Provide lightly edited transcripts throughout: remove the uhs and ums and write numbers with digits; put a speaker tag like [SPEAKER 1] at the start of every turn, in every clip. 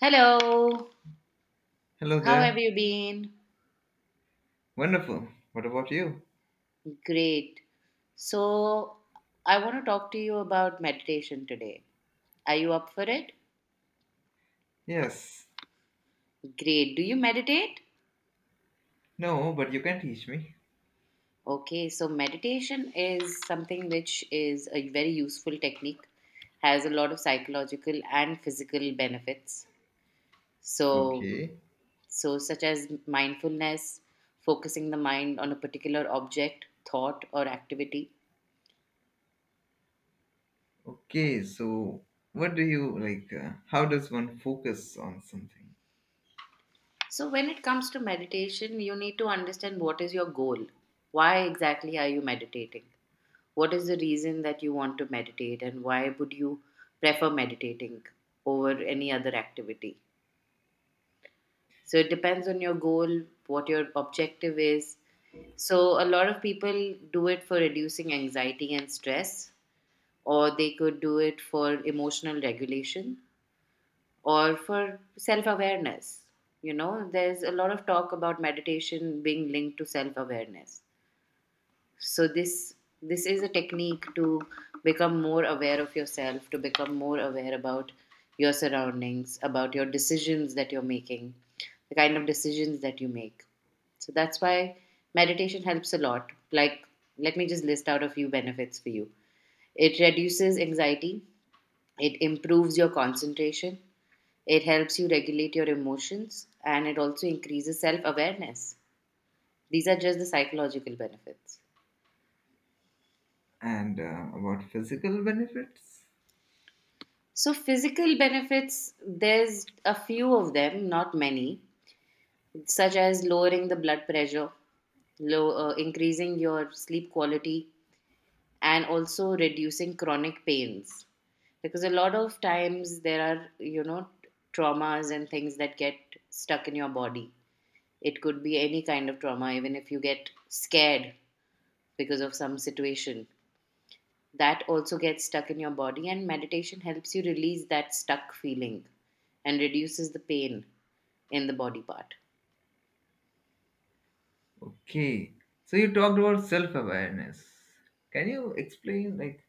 [SPEAKER 1] Hello,
[SPEAKER 2] Hello
[SPEAKER 1] how have
[SPEAKER 2] there.
[SPEAKER 1] you been?
[SPEAKER 2] Wonderful. What about you?
[SPEAKER 1] Great. So, I want to talk to you about meditation today. Are you up for it?
[SPEAKER 2] Yes.
[SPEAKER 1] Great. Do you meditate?
[SPEAKER 2] No, but you can teach me.
[SPEAKER 1] Okay, so meditation is something which is a very useful technique, has a lot of psychological and physical benefits. So,
[SPEAKER 2] Okay.
[SPEAKER 1] so, such as mindfulness, focusing the mind on a particular object, thought, or activity.
[SPEAKER 2] Okay, so what do you like? How does one focus on something?
[SPEAKER 1] So, when it comes to meditation, you need to understand what is your goal. Why exactly are you meditating? What is the reason that you want to meditate, and why would you prefer meditating over any other activity? So, it depends on your goal, what your objective is. So, a lot of people do it for reducing anxiety and stress, or they could do it for emotional regulation, or for self awareness. You know, there's a lot of talk about meditation being linked to self awareness. So, this is a technique to become more aware of yourself, to become more aware about your surroundings, about your decisions that you're making, the kind of decisions that you make. So that's why meditation helps a lot. Like, let me just list out a few benefits for you. It reduces anxiety, it improves your concentration, it helps you regulate your emotions and it also increases self awareness. These are just the psychological benefits.
[SPEAKER 2] And about physical benefits?
[SPEAKER 1] So, physical benefits, there's a few of them, not many, such as lowering the blood pressure, increasing your sleep quality, and also reducing chronic pains. Because a lot of times there are, you know, traumas and things that get stuck in your body. It could be any kind of trauma, even if you get scared because of some situation. That also gets stuck in your body, and meditation helps you release that stuck feeling and reduces the pain in the body part.
[SPEAKER 2] Okay. So you talked about self awareness. Can you explain, like,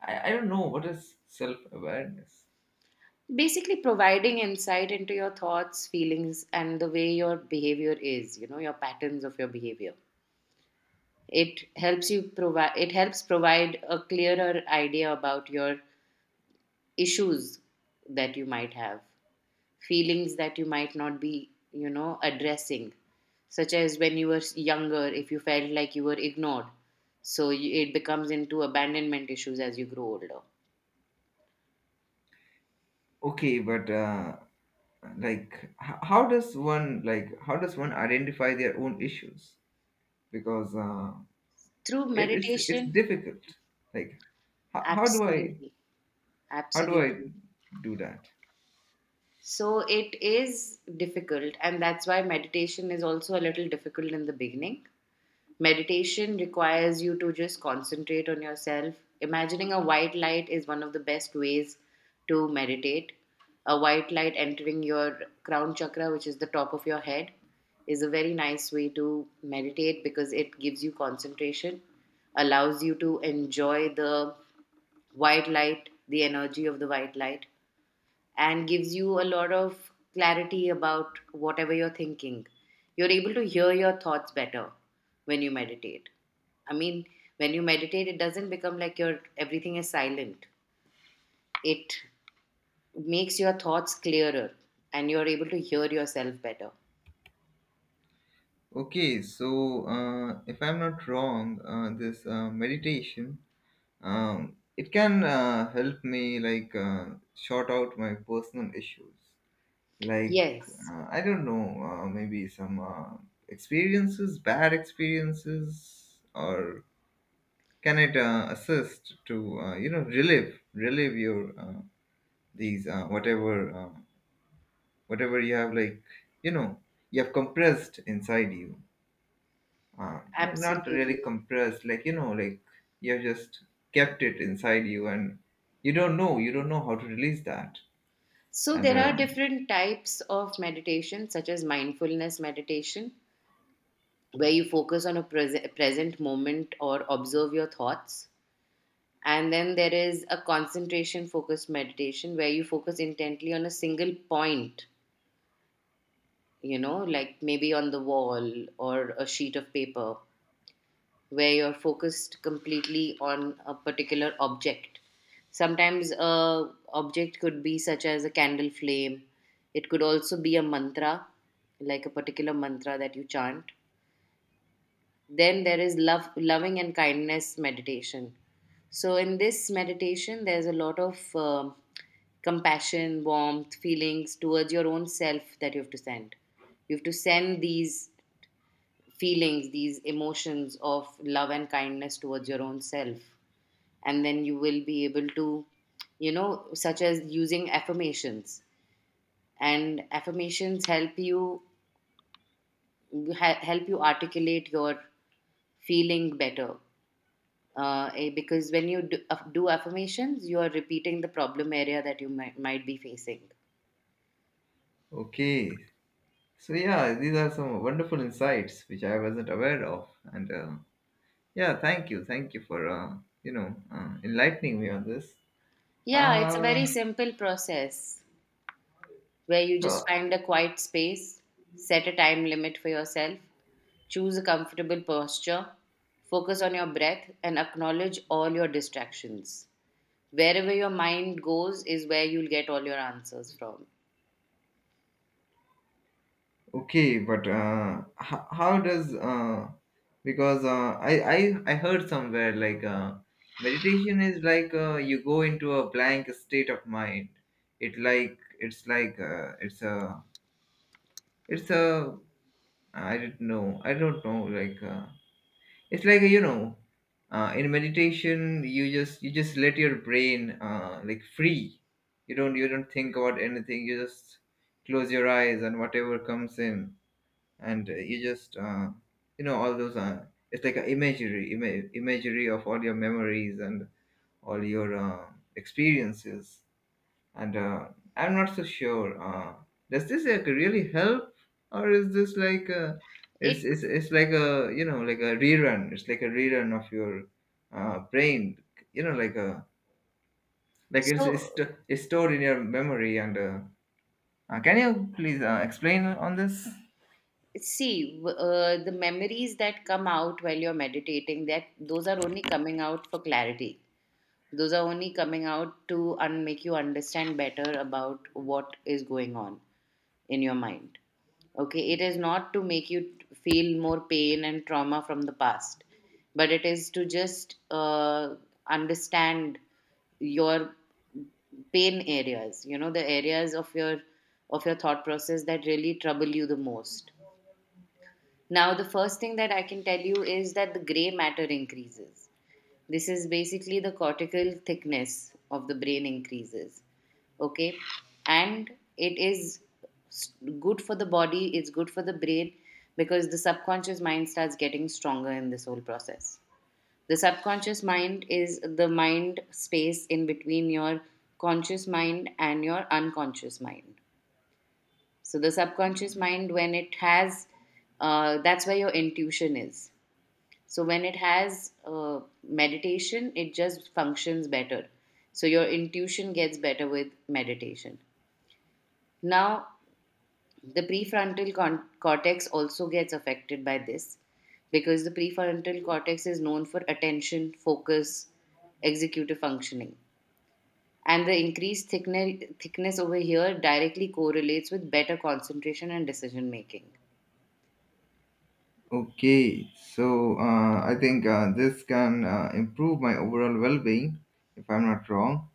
[SPEAKER 2] I don't know what is self awareness?
[SPEAKER 1] Basically, providing insight into your thoughts, feelings, and the way your behavior is, you know, your patterns of your behavior. It helps you provide, it helps provide a clearer idea about your issues that you might have feelings that you might not be, you know, addressing, such as when you were younger, if you felt like you were ignored. So you, it becomes into abandonment issues as you grow older.
[SPEAKER 2] Okay, but like, how does one identify their own issues? Because
[SPEAKER 1] Through
[SPEAKER 2] It's
[SPEAKER 1] meditation,
[SPEAKER 2] difficult, like, how, how do i
[SPEAKER 1] absolutely,
[SPEAKER 2] how do I
[SPEAKER 1] absolutely.
[SPEAKER 2] do that?
[SPEAKER 1] So it is difficult, and that's why meditation is also a little difficult in the beginning. Meditation requires you to just concentrate on yourself. Imagining a white light is one of the best ways to meditate. A white light entering your crown chakra, which is the top of your head, is a very nice way to meditate because it gives you concentration, allows you to enjoy the white light, the energy of the white light, and gives you a lot of clarity about whatever you're thinking. You're able to hear your thoughts better when you meditate. I mean, when you meditate, it doesn't become like your everything is silent. It makes your thoughts clearer and you're able to hear yourself better.
[SPEAKER 2] Okay, so if I'm not wrong, this meditation, it can help me, like, sort out my personal issues, like,
[SPEAKER 1] Yes,
[SPEAKER 2] I don't know, maybe some experiences, bad experiences, or can it assist to, you know, relieve your, these, whatever you have, like, you know, you have compressed inside you, not really
[SPEAKER 1] absolutely.
[SPEAKER 2] compressed, like, you know, like, you have just kept it inside you, and you don't know how to release that.
[SPEAKER 1] So
[SPEAKER 2] And
[SPEAKER 1] there are different types of meditation such as mindfulness meditation where you focus on a present moment or observe your thoughts. And then there is a concentration focused meditation where you focus intently on a single point, you know, like maybe on the wall or a sheet of paper, where you're focused completely on a particular object. Sometimes a object could be such as a candle flame. It could also be a mantra, like a particular mantra that you chant. Then there is loving and kindness meditation. So in this meditation, there's a lot of compassion, warmth, feelings towards your own self that you have to send. You have to send these feelings, these emotions of love and kindness towards your own self, and then you will be able to, you know, such as using affirmations. And affirmations help you articulate your feeling better because when you do affirmations, you are repeating the problem area that you might be facing.
[SPEAKER 2] okay, so, yeah, these are some wonderful insights which I wasn't aware of, and yeah, thank you for, you know, enlightening me on this.
[SPEAKER 1] Yeah, it's a very
[SPEAKER 2] uh,
[SPEAKER 1] simple process where you just
[SPEAKER 2] so,
[SPEAKER 1] find a quiet space, set a time limit for yourself, choose a comfortable posture, focus on your breath, and acknowledge all your distractions. Wherever your mind goes is where you'll get all your answers from.
[SPEAKER 2] okay, but how does, because I heard somewhere, like, meditation is like, you go into a blank state of mind. It, like, it's like, it's a I don't know like, it's like, you know, in meditation, you just let your brain, like, free. You don't think about anything. You just close your eyes, and whatever comes in, and you just, you know, all those, it's like an imagery, imagery of all your memories and all your, experiences, and I'm not so sure, does this, like, really help? Or is this like a,
[SPEAKER 1] It
[SPEAKER 2] it's like a, you know, like a rerun, it's like a rerun of your, brain, you know, like a, like
[SPEAKER 1] so
[SPEAKER 2] it's stored in your memory, and can you please, explain on this?
[SPEAKER 1] see w- The memories that come out while you're meditating, that those are only coming out for clarity. Those are only coming out to make you understand better about what is going on in your mind. Okay, it is not to make you feel more pain and trauma from the past, but it is to just understand your pain areas, you know, the areas of your thought process that really trouble you the most. Now, the first thing that I can tell you is that the gray matter increases. This is basically the cortical thickness of the brain increases. Okay. And it is s- good for the body, it's good for the brain because the subconscious mind starts getting stronger in this whole process. The subconscious mind is the mind space in between your conscious mind and your unconscious mind. So, the subconscious mind, when it that's where your intuition is, so when it has meditation, it just functions better. So your intuition gets better with meditation. Now, the prefrontal cortex also gets affected by this because the prefrontal cortex is known for attention, focus, executive functioning. And the increased thickness over here directly correlates with better concentration and decision making.
[SPEAKER 2] Okay, so I think this can improve my overall well-being, if I'm not wrong.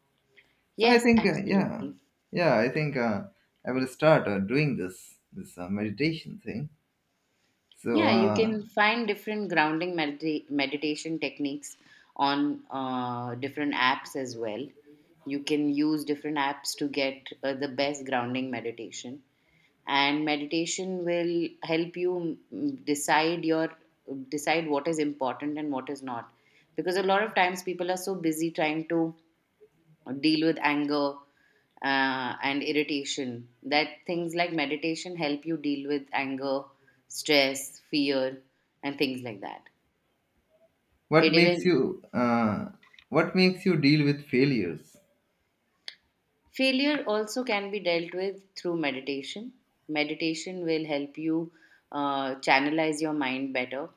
[SPEAKER 2] So I
[SPEAKER 1] Yes,
[SPEAKER 2] think, yeah,
[SPEAKER 1] absolutely.
[SPEAKER 2] yeah, I think I will start doing this meditation thing. So,
[SPEAKER 1] Yeah, you can find different grounding meditation techniques on different apps as well. You can use different apps to get the best grounding meditation. And meditation will help you decide your decide what is important and what is not. Because a lot of times people are so busy trying to deal with anger and irritation. That things like meditation help you deal with anger, stress, fear, and things like that. It
[SPEAKER 2] what makes
[SPEAKER 1] even
[SPEAKER 2] you, what makes you deal with failures?
[SPEAKER 1] failure also can be dealt with through meditation. Meditation will help you channelize your mind better,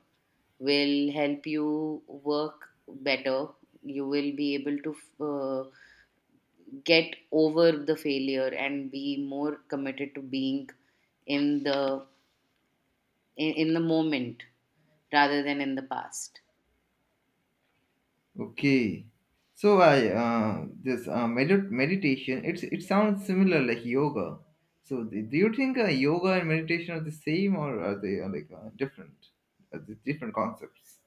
[SPEAKER 1] will help you work better. You will be able to get over the failure and be more committed to being in the in the moment rather than in the past.
[SPEAKER 2] Okay, so I this, meditation, it's, it sounds similar, like yoga. So do you think yoga and meditation are the same, or are they, like, different? Are they different concepts?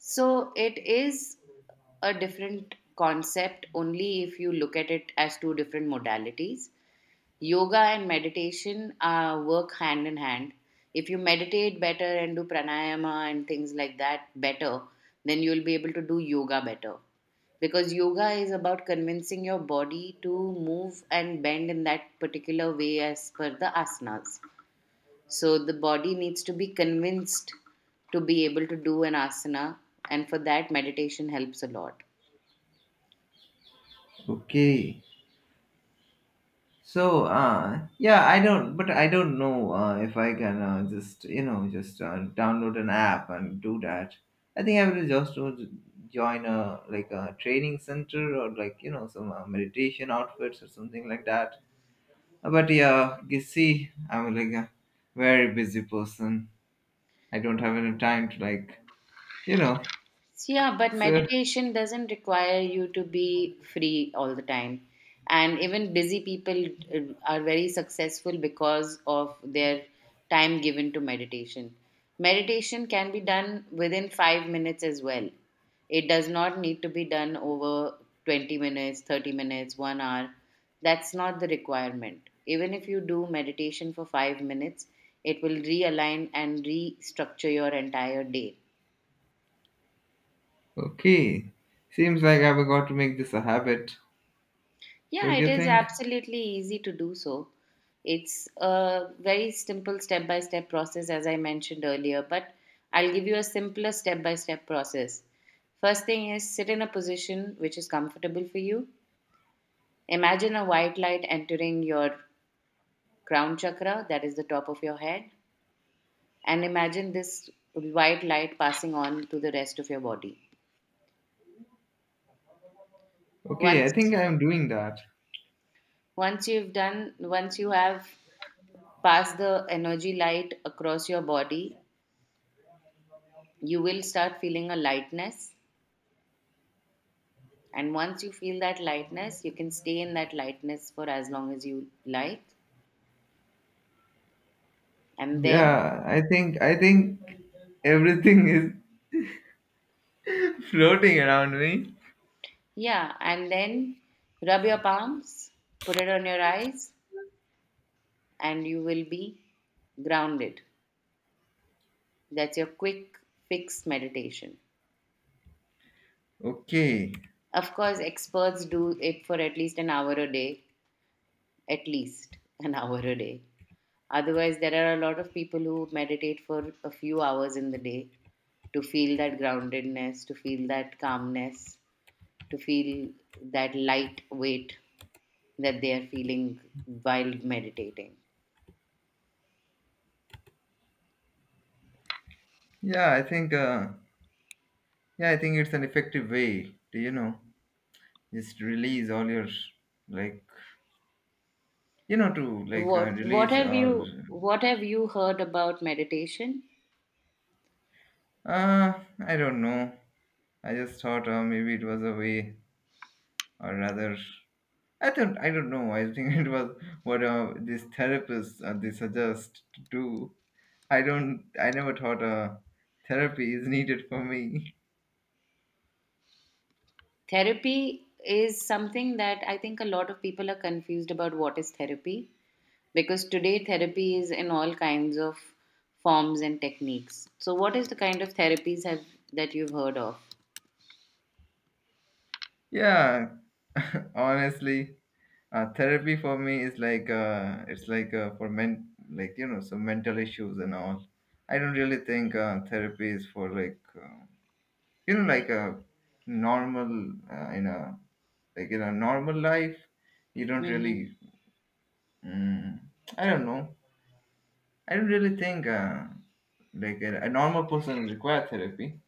[SPEAKER 1] So it is a different concept only if you look at it as two different modalities. Yoga and meditation work hand in hand. If you meditate better and do pranayama and things like that better, then you'll be able to do yoga better. Because yoga is about convincing your body to move and bend in that particular way as per the asanas. So the body needs to be convinced to be able to do an asana, and for that, meditation helps a lot.
[SPEAKER 2] Okay. So, yeah, I don't, but I don't know if I can, just, you know, just, download an app and do that. I think I will just do- join a, like, a training center, or, like, you know, some, meditation outfits, or something like that. But yeah, you see, I'm like a very busy person. I don't have any time to, like, you know.
[SPEAKER 1] Yeah, but
[SPEAKER 2] So,
[SPEAKER 1] meditation doesn't require you to be free all the time. And even busy people are very successful because of their time given to meditation. Meditation can be done within 5 minutes as well. It does not need to be done over 20 minutes, 30 minutes, 1 hour. That's not the requirement. Even if you do meditation for 5 minutes, it will realign and restructure your entire day.
[SPEAKER 2] okay. Seems like I've got to make this a habit,
[SPEAKER 1] Yeah,
[SPEAKER 2] don't
[SPEAKER 1] it
[SPEAKER 2] you
[SPEAKER 1] is
[SPEAKER 2] think?
[SPEAKER 1] absolutely easy to do so. It's a very simple step by step process, as I mentioned earlier, but I'll give you a simpler step by step process. First thing is sit in a position which is comfortable for you. Imagine a white light entering your crown chakra, that is the top of your head, and imagine this white light passing on to the rest of your body.
[SPEAKER 2] Okay, I
[SPEAKER 1] Once
[SPEAKER 2] think I'm doing that.
[SPEAKER 1] once you've done once you have passed the energy light across your body, you will start feeling a lightness. And once you feel that lightness, you can stay in that lightness for as long as you like. And then,
[SPEAKER 2] Yeah, I think everything is floating around me.
[SPEAKER 1] yeah, and then rub your palms, put it on your eyes, and you will be grounded. That's your quick fix meditation.
[SPEAKER 2] Okay.
[SPEAKER 1] Of course, experts do it for at least an hour a day, at least an hour a day. Otherwise, there are a lot of people who meditate for a few hours in the day to feel that groundedness, to feel that calmness, to feel that light weight that they are feeling while meditating.
[SPEAKER 2] Yeah, I think uh yeah, I think it's an effective way to, you know, just release all your, like, you know, to, like,
[SPEAKER 1] What
[SPEAKER 2] release
[SPEAKER 1] have
[SPEAKER 2] or
[SPEAKER 1] you heard about meditation?
[SPEAKER 2] Uh, I don't know. I just thought, maybe it was a way, or rather, I don't, I don't know. I think it was what these therapists, they suggest to do. I don't. I never thought therapy is needed for me.
[SPEAKER 1] Therapy is something that I think a lot of people are confused about what is therapy because today therapy is in all kinds of forms and techniques. So what is the kind of therapies have that you've heard of?
[SPEAKER 2] Yeah, honestly, therapy for me is like, it's like, for men, like, you know, some mental issues and all. I don't really think therapy is for, like. You know, like a normal, in a, like, in a normal life, you don't
[SPEAKER 1] Mhm.
[SPEAKER 2] really, mm, I don't know, I don't really think, like, a normal person will require therapy.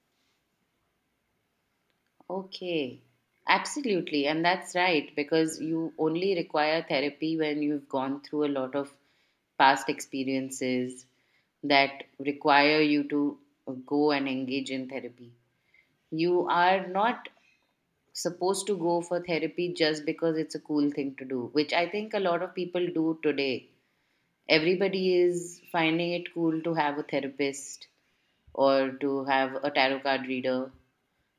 [SPEAKER 1] Okay, absolutely. And that's right, because you only require therapy when you've gone through a lot of past experiences that require you to go and engage in therapy. You are not supposed to go for therapy just because it's a cool thing to do, which I think a lot of people do today. Everybody is finding it cool to have a therapist or to have a tarot card reader,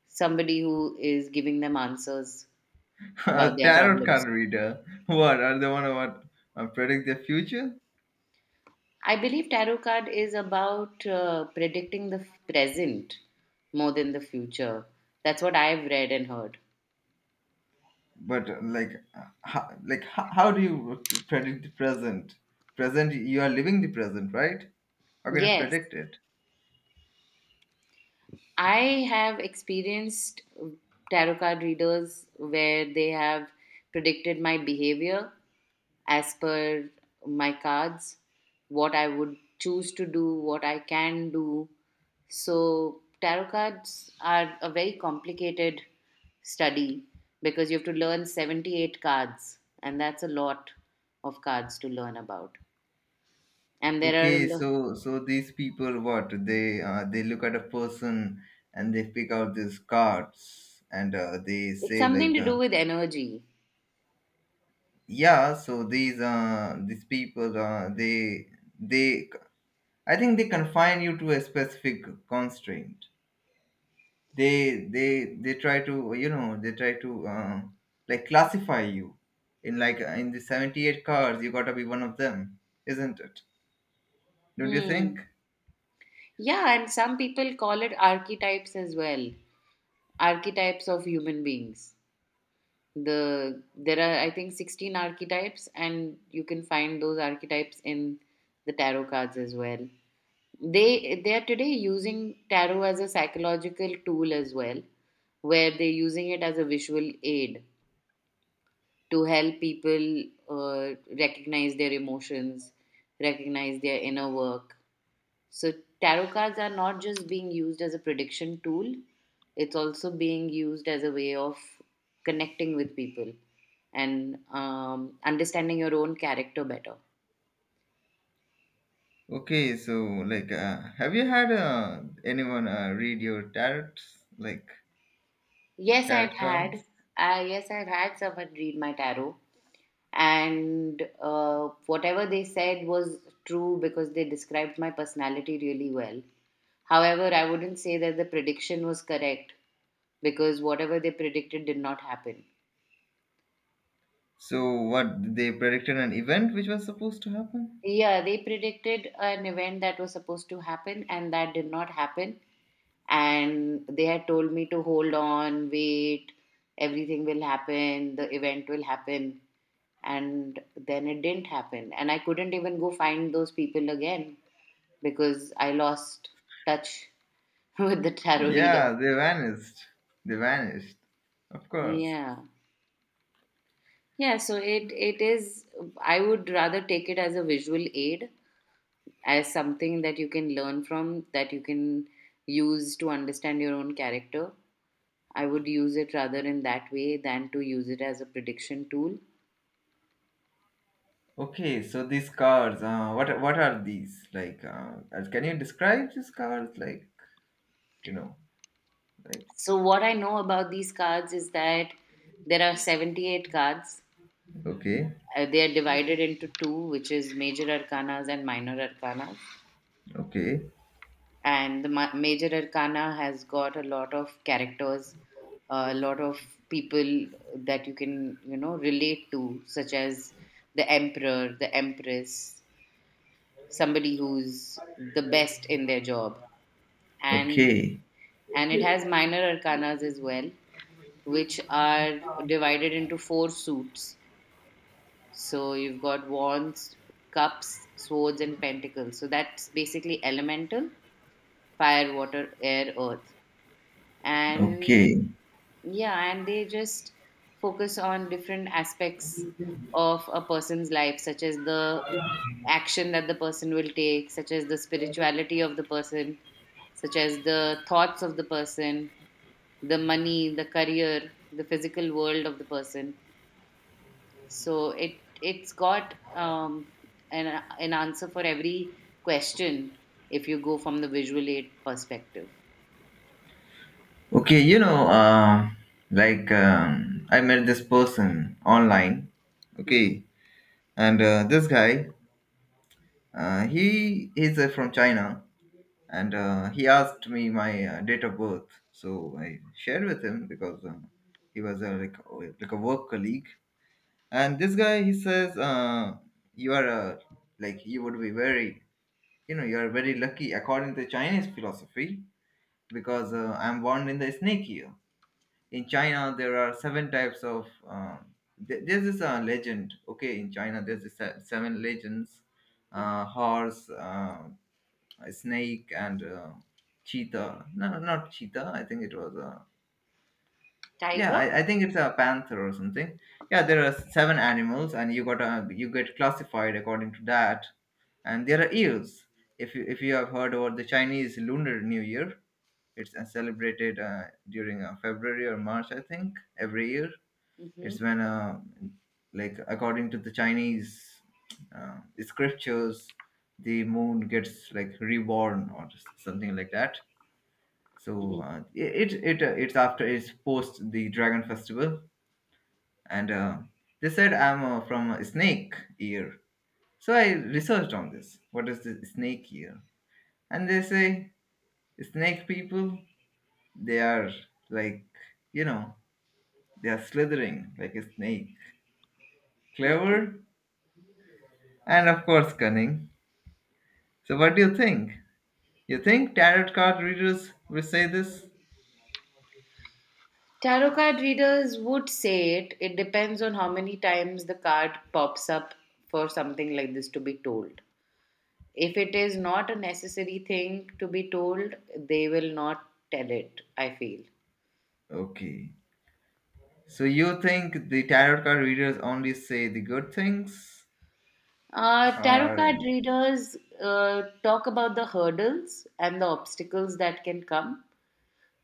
[SPEAKER 1] somebody who is giving them answers about
[SPEAKER 2] A
[SPEAKER 1] their
[SPEAKER 2] tarot
[SPEAKER 1] problems.
[SPEAKER 2] card reader, what are they, one who, what, predict the future?
[SPEAKER 1] I believe tarot card is about predicting the present more than the future. That's what I've read and heard.
[SPEAKER 2] But like, uh, how, like, how do you predict the present? Present, you are living the present, right? How can you
[SPEAKER 1] Yes,
[SPEAKER 2] predict it?
[SPEAKER 1] I have experienced tarot card readers where they have predicted my behavior as per my cards, what I would choose to do, what I can do. So, tarot cards are a very complicated study because you have to learn 78 cards, and that's a lot of cards to learn about. And there are,
[SPEAKER 2] Okay,
[SPEAKER 1] lo-
[SPEAKER 2] so, so these people, what they, they look at a person, and they pick out these cards, and they
[SPEAKER 1] It's
[SPEAKER 2] say
[SPEAKER 1] something
[SPEAKER 2] like,
[SPEAKER 1] to do with energy.
[SPEAKER 2] yeah, so these people, they I think they confine you to a specific constraint. They, they try to, you know, they try to, like, classify you in, like, in the 78 cards you gotta be one of them, isn't it, don't you
[SPEAKER 1] Hmm.
[SPEAKER 2] think?
[SPEAKER 1] Yeah, and some people call it archetypes as well, archetypes of human beings. There are, I think, 16 archetypes, and you can find those archetypes in the tarot cards as well. They are today using tarot as a psychological tool as well, where they're using it as a visual aid to help people recognize their emotions, recognize their inner work. So tarot cards are not just being used as a prediction tool, it's also being used as a way of connecting with people and understanding your own character better.
[SPEAKER 2] Okay, so, like, have you had anyone read your tarots, like,
[SPEAKER 1] Yes, I've
[SPEAKER 2] tarot
[SPEAKER 1] had.
[SPEAKER 2] cards?
[SPEAKER 1] Yes, I've had someone read my tarot, and whatever they said was true because they described my personality really well. However, I wouldn't say that the prediction was correct because whatever they predicted did not happen.
[SPEAKER 2] So what, they predicted an event which was supposed to happen?
[SPEAKER 1] Yeah, they predicted an event that was supposed to happen and that did not happen. And they had told me to hold on, wait, everything will happen, the event will happen. And then it didn't happen. And I couldn't even go find those people again because I lost touch with the tarot reader.
[SPEAKER 2] Yeah, they vanished. They vanished. Of course.
[SPEAKER 1] Yeah. Yeah, so it is, I would rather take it as a visual aid, as something that you can learn from, that you can use to understand your own character. I would use it rather in that way than to use it as a prediction tool.
[SPEAKER 2] Okay, so these cards, what are these? Like, can you describe these cards? Like, you know, like.
[SPEAKER 1] So, what I know about these cards is that there are 78 cards.
[SPEAKER 2] Okay.
[SPEAKER 1] They are divided into two, which is major arcanas and minor arcanas.
[SPEAKER 2] Okay.
[SPEAKER 1] And the major arcana has got a lot of characters, a lot of people that you can, you know, relate to, such as the emperor, the empress, somebody who's the best in their job. and
[SPEAKER 2] Okay.
[SPEAKER 1] and it has minor arcanas as well, which are divided into four suits. So you've got wands, cups, swords, and pentacles. So that's basically elemental: fire, water, air, earth. And
[SPEAKER 2] Okay.
[SPEAKER 1] yeah, and they just focus on different aspects of a person's life, such as the action that the person will take, such as the spirituality of the person, such as the thoughts of the person, the money, the career, the physical world of the person. So it's got an answer for every question if you go from the visual aid perspective.
[SPEAKER 2] Okay, you know, like, I met this person online.
[SPEAKER 1] Hmm.
[SPEAKER 2] Okay, and this guy, he he's from China, and he asked me my, date of birth. So I shared with him, because he was, like a work colleague. And this guy, he says, you are, like, you would be very, you know, you are very lucky according to Chinese philosophy, because I'm born in the snake year. In China, there are seven types of. There's this, legend. Okay, in China, there's this, seven legends:
[SPEAKER 1] Hmm.
[SPEAKER 2] horse, a snake, and cheetah. No, no, not cheetah. I think it was. Yeah,
[SPEAKER 1] Tiger.
[SPEAKER 2] I think it's a panther or something. Yeah, there are seven animals, and you got, you get classified according to that. And there are years. If you have heard about the Chinese Lunar New Year, it's, celebrated during February or March, I think, every year.
[SPEAKER 1] Hmm.
[SPEAKER 2] It's when, like, according to the Chinese, scriptures, the moon gets, like, reborn or something like that. So,
[SPEAKER 1] Hmm.
[SPEAKER 2] it's after, it's post the Dragon Festival, and they said I'm, from a snake year. So I researched on this. What is the snake year? And they say snake people. They are, like, you know, they are slithering like a snake,
[SPEAKER 1] Okay.
[SPEAKER 2] clever, and of course cunning. So, what do you think? You think tarot card readers will say this?
[SPEAKER 1] Tarot card readers would say it. It depends on how many times the card pops up for something like this to be told. If it is not a necessary thing to be told, they will not tell it, I feel.
[SPEAKER 2] Okay. So, you think the tarot card readers only say the good things?
[SPEAKER 1] Tarot
[SPEAKER 2] Or,
[SPEAKER 1] card readers talk about the hurdles and the obstacles that can come,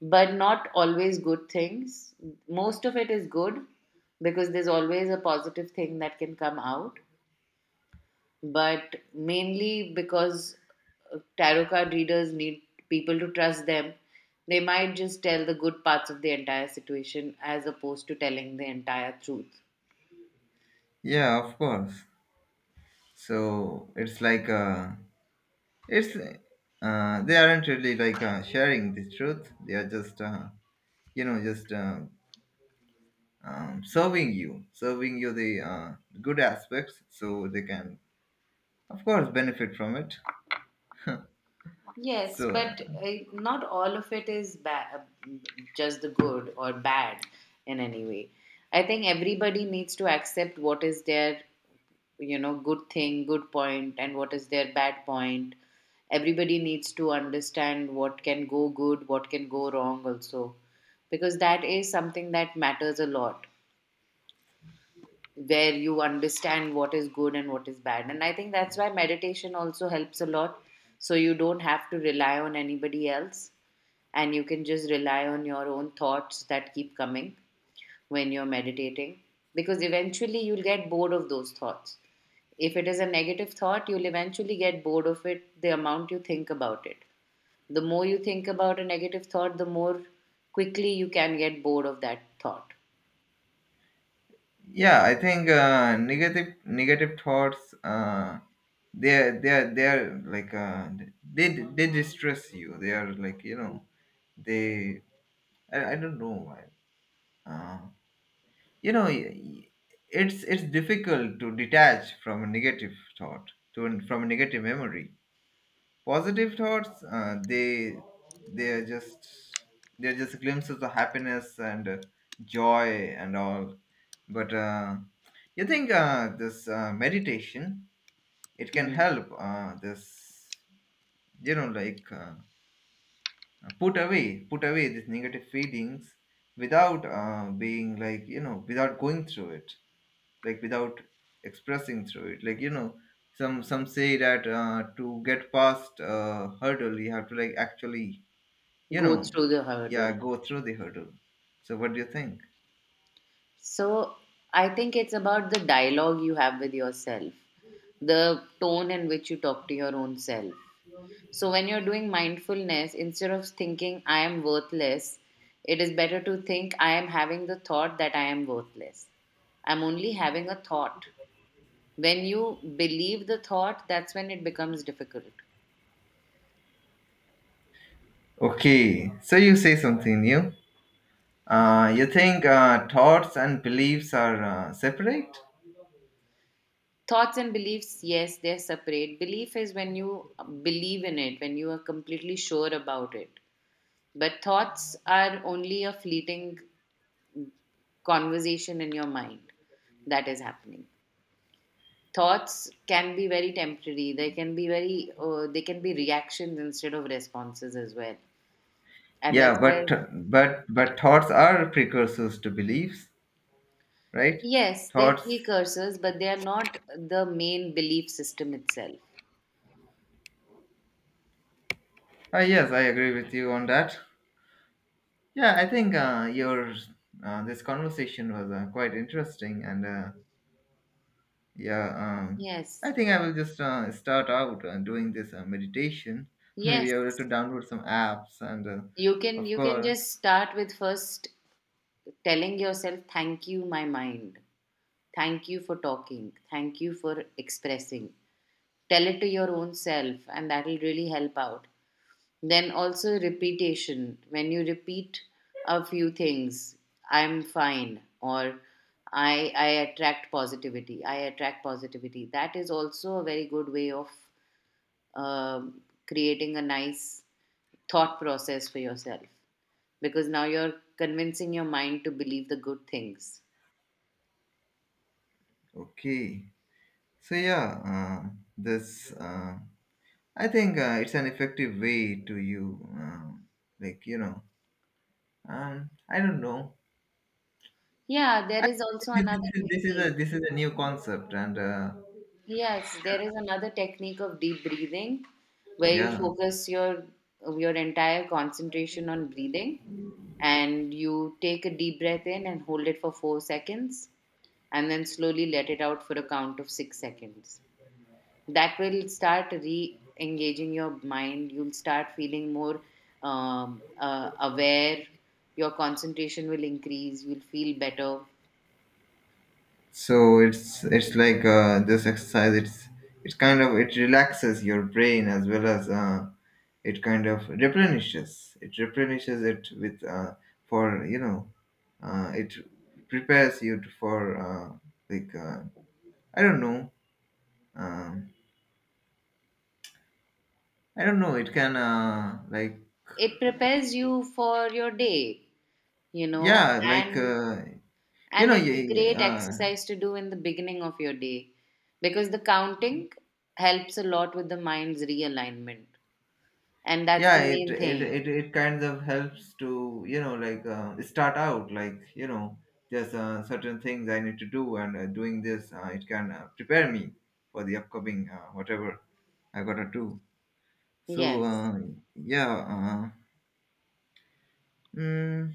[SPEAKER 1] but not always good things. Most of it is good because there's always a positive thing that can come out, but mainly because tarot card readers need people to trust them, they might just tell the good parts of the entire situation as opposed to telling the entire truth.
[SPEAKER 2] yeah, of course. So, it's like, it's, they aren't really, like, sharing the truth. They are just, you know, just, serving you the good aspects, so they can, of course, benefit from it.
[SPEAKER 1] Yes,
[SPEAKER 2] So,
[SPEAKER 1] but not all of it is bad, just the good or bad in any way. I think everybody needs to accept what is their, you know, good thing, good point, and what is their bad point. Everybody needs to understand what can go good, what can go wrong also, because that is something that matters a lot, where you understand what is good and what is bad. And I think that's why meditation also helps a lot, so you don't have to rely on anybody else, and you can just rely on your own thoughts that keep coming when you're meditating, because eventually you'll get bored of those thoughts. If it is a negative thought, you'll eventually get bored of it, the amount you think about it. The more you think about a negative thought, the more quickly you can get bored of that thought.
[SPEAKER 2] yeah, I think, negative thoughts, they're like, they they distress you. They are, like, you know, they, I don't know why, uh, you know, it's difficult to detach from a negative thought, to an- from a negative memory. Positive thoughts, they are just they're just glimpses of happiness and, joy and all. But you think this, meditation, it can
[SPEAKER 1] Mhm.
[SPEAKER 2] help, this, you know, like, put away these negative feelings, without, being, like, you know, without going through it, like, without expressing through it, like, you know, some say that, to get past hurdle, you have to, like, actually, you
[SPEAKER 1] Go
[SPEAKER 2] know,
[SPEAKER 1] through the
[SPEAKER 2] yeah,
[SPEAKER 1] hurdle.
[SPEAKER 2] go through the hurdle. So what do you think?
[SPEAKER 1] So, I think it's about the dialogue you have with yourself, the tone in which you talk to your own self. So, when you're doing mindfulness, instead of thinking, I am worthless, it is better to think, I am having the thought that I am worthless. I'm only having a thought. When you believe the thought, that's when it becomes difficult.
[SPEAKER 2] Okay, so you say something new. You think thoughts and beliefs are separate?
[SPEAKER 1] Thoughts and beliefs, yes, they're separate. Belief is when you believe in it, when you are completely sure about it. But thoughts are only a fleeting conversation in your mind that is happening. Thoughts can be very temporary. They can be very, they can be reactions instead of responses as well. And that's
[SPEAKER 2] Yeah,
[SPEAKER 1] why,
[SPEAKER 2] but but thoughts are precursors to beliefs, right?
[SPEAKER 1] yes, they're
[SPEAKER 2] Thoughts.
[SPEAKER 1] precursors, but they are not the main belief system itself.
[SPEAKER 2] Yes, I agree with you on that. Yeah, I think, your, this conversation was quite interesting, and yeah,
[SPEAKER 1] Yes.
[SPEAKER 2] I think I will just start out doing this meditation.
[SPEAKER 1] Yes,
[SPEAKER 2] Maybe I will have to download some apps, and
[SPEAKER 1] you can,
[SPEAKER 2] of course,
[SPEAKER 1] just start with first telling yourself, thank you, my mind. Thank you for talking. Thank you for expressing. Tell it to your own self and that will really help out. Then also repetition. When you repeat a few things, I'm fine, or I attract positivity. I attract positivity. That is also a very good way of um creating a nice thought process for yourself, because now you're convincing your mind to believe the good things.
[SPEAKER 2] okay. So yeah, uh, this. I think it's an effective way to you, like, you know, I don't know.
[SPEAKER 1] Yeah, there
[SPEAKER 2] I,
[SPEAKER 1] is also another
[SPEAKER 2] this is
[SPEAKER 1] technique.
[SPEAKER 2] a, this is a new concept, and
[SPEAKER 1] Yes, there is another technique of deep breathing where you
[SPEAKER 2] yeah,
[SPEAKER 1] focus your entire concentration on breathing, and you take a deep breath in and hold it for 4 seconds, and then slowly let it out for a count of 6 seconds. That will start re-engaging your mind. You'll start feeling more aware. Your concentration will increase, you'll feel better.
[SPEAKER 2] so it's like, this exercise. It's kind of, it relaxes your brain, as well as, it kind of replenishes. It replenishes it with, for, you know, it prepares you to- for, like, I don't know. Um, I don't know. It can, like,
[SPEAKER 1] It prepares you for your day, you know.
[SPEAKER 2] yeah, like,
[SPEAKER 1] and
[SPEAKER 2] you
[SPEAKER 1] and
[SPEAKER 2] know,
[SPEAKER 1] it's a
[SPEAKER 2] yeah,
[SPEAKER 1] great
[SPEAKER 2] yeah,
[SPEAKER 1] exercise to do in the beginning of your day, because the counting helps a lot with the mind's realignment, and that's the
[SPEAKER 2] yeah. It,
[SPEAKER 1] main
[SPEAKER 2] it
[SPEAKER 1] thing.
[SPEAKER 2] it it kind of helps to, you know, like, start out, like, you know, there's, certain things I need to do, and doing this, it can, prepare me for the upcoming, whatever I gotta do. So,
[SPEAKER 1] Yes.
[SPEAKER 2] yeah, mm,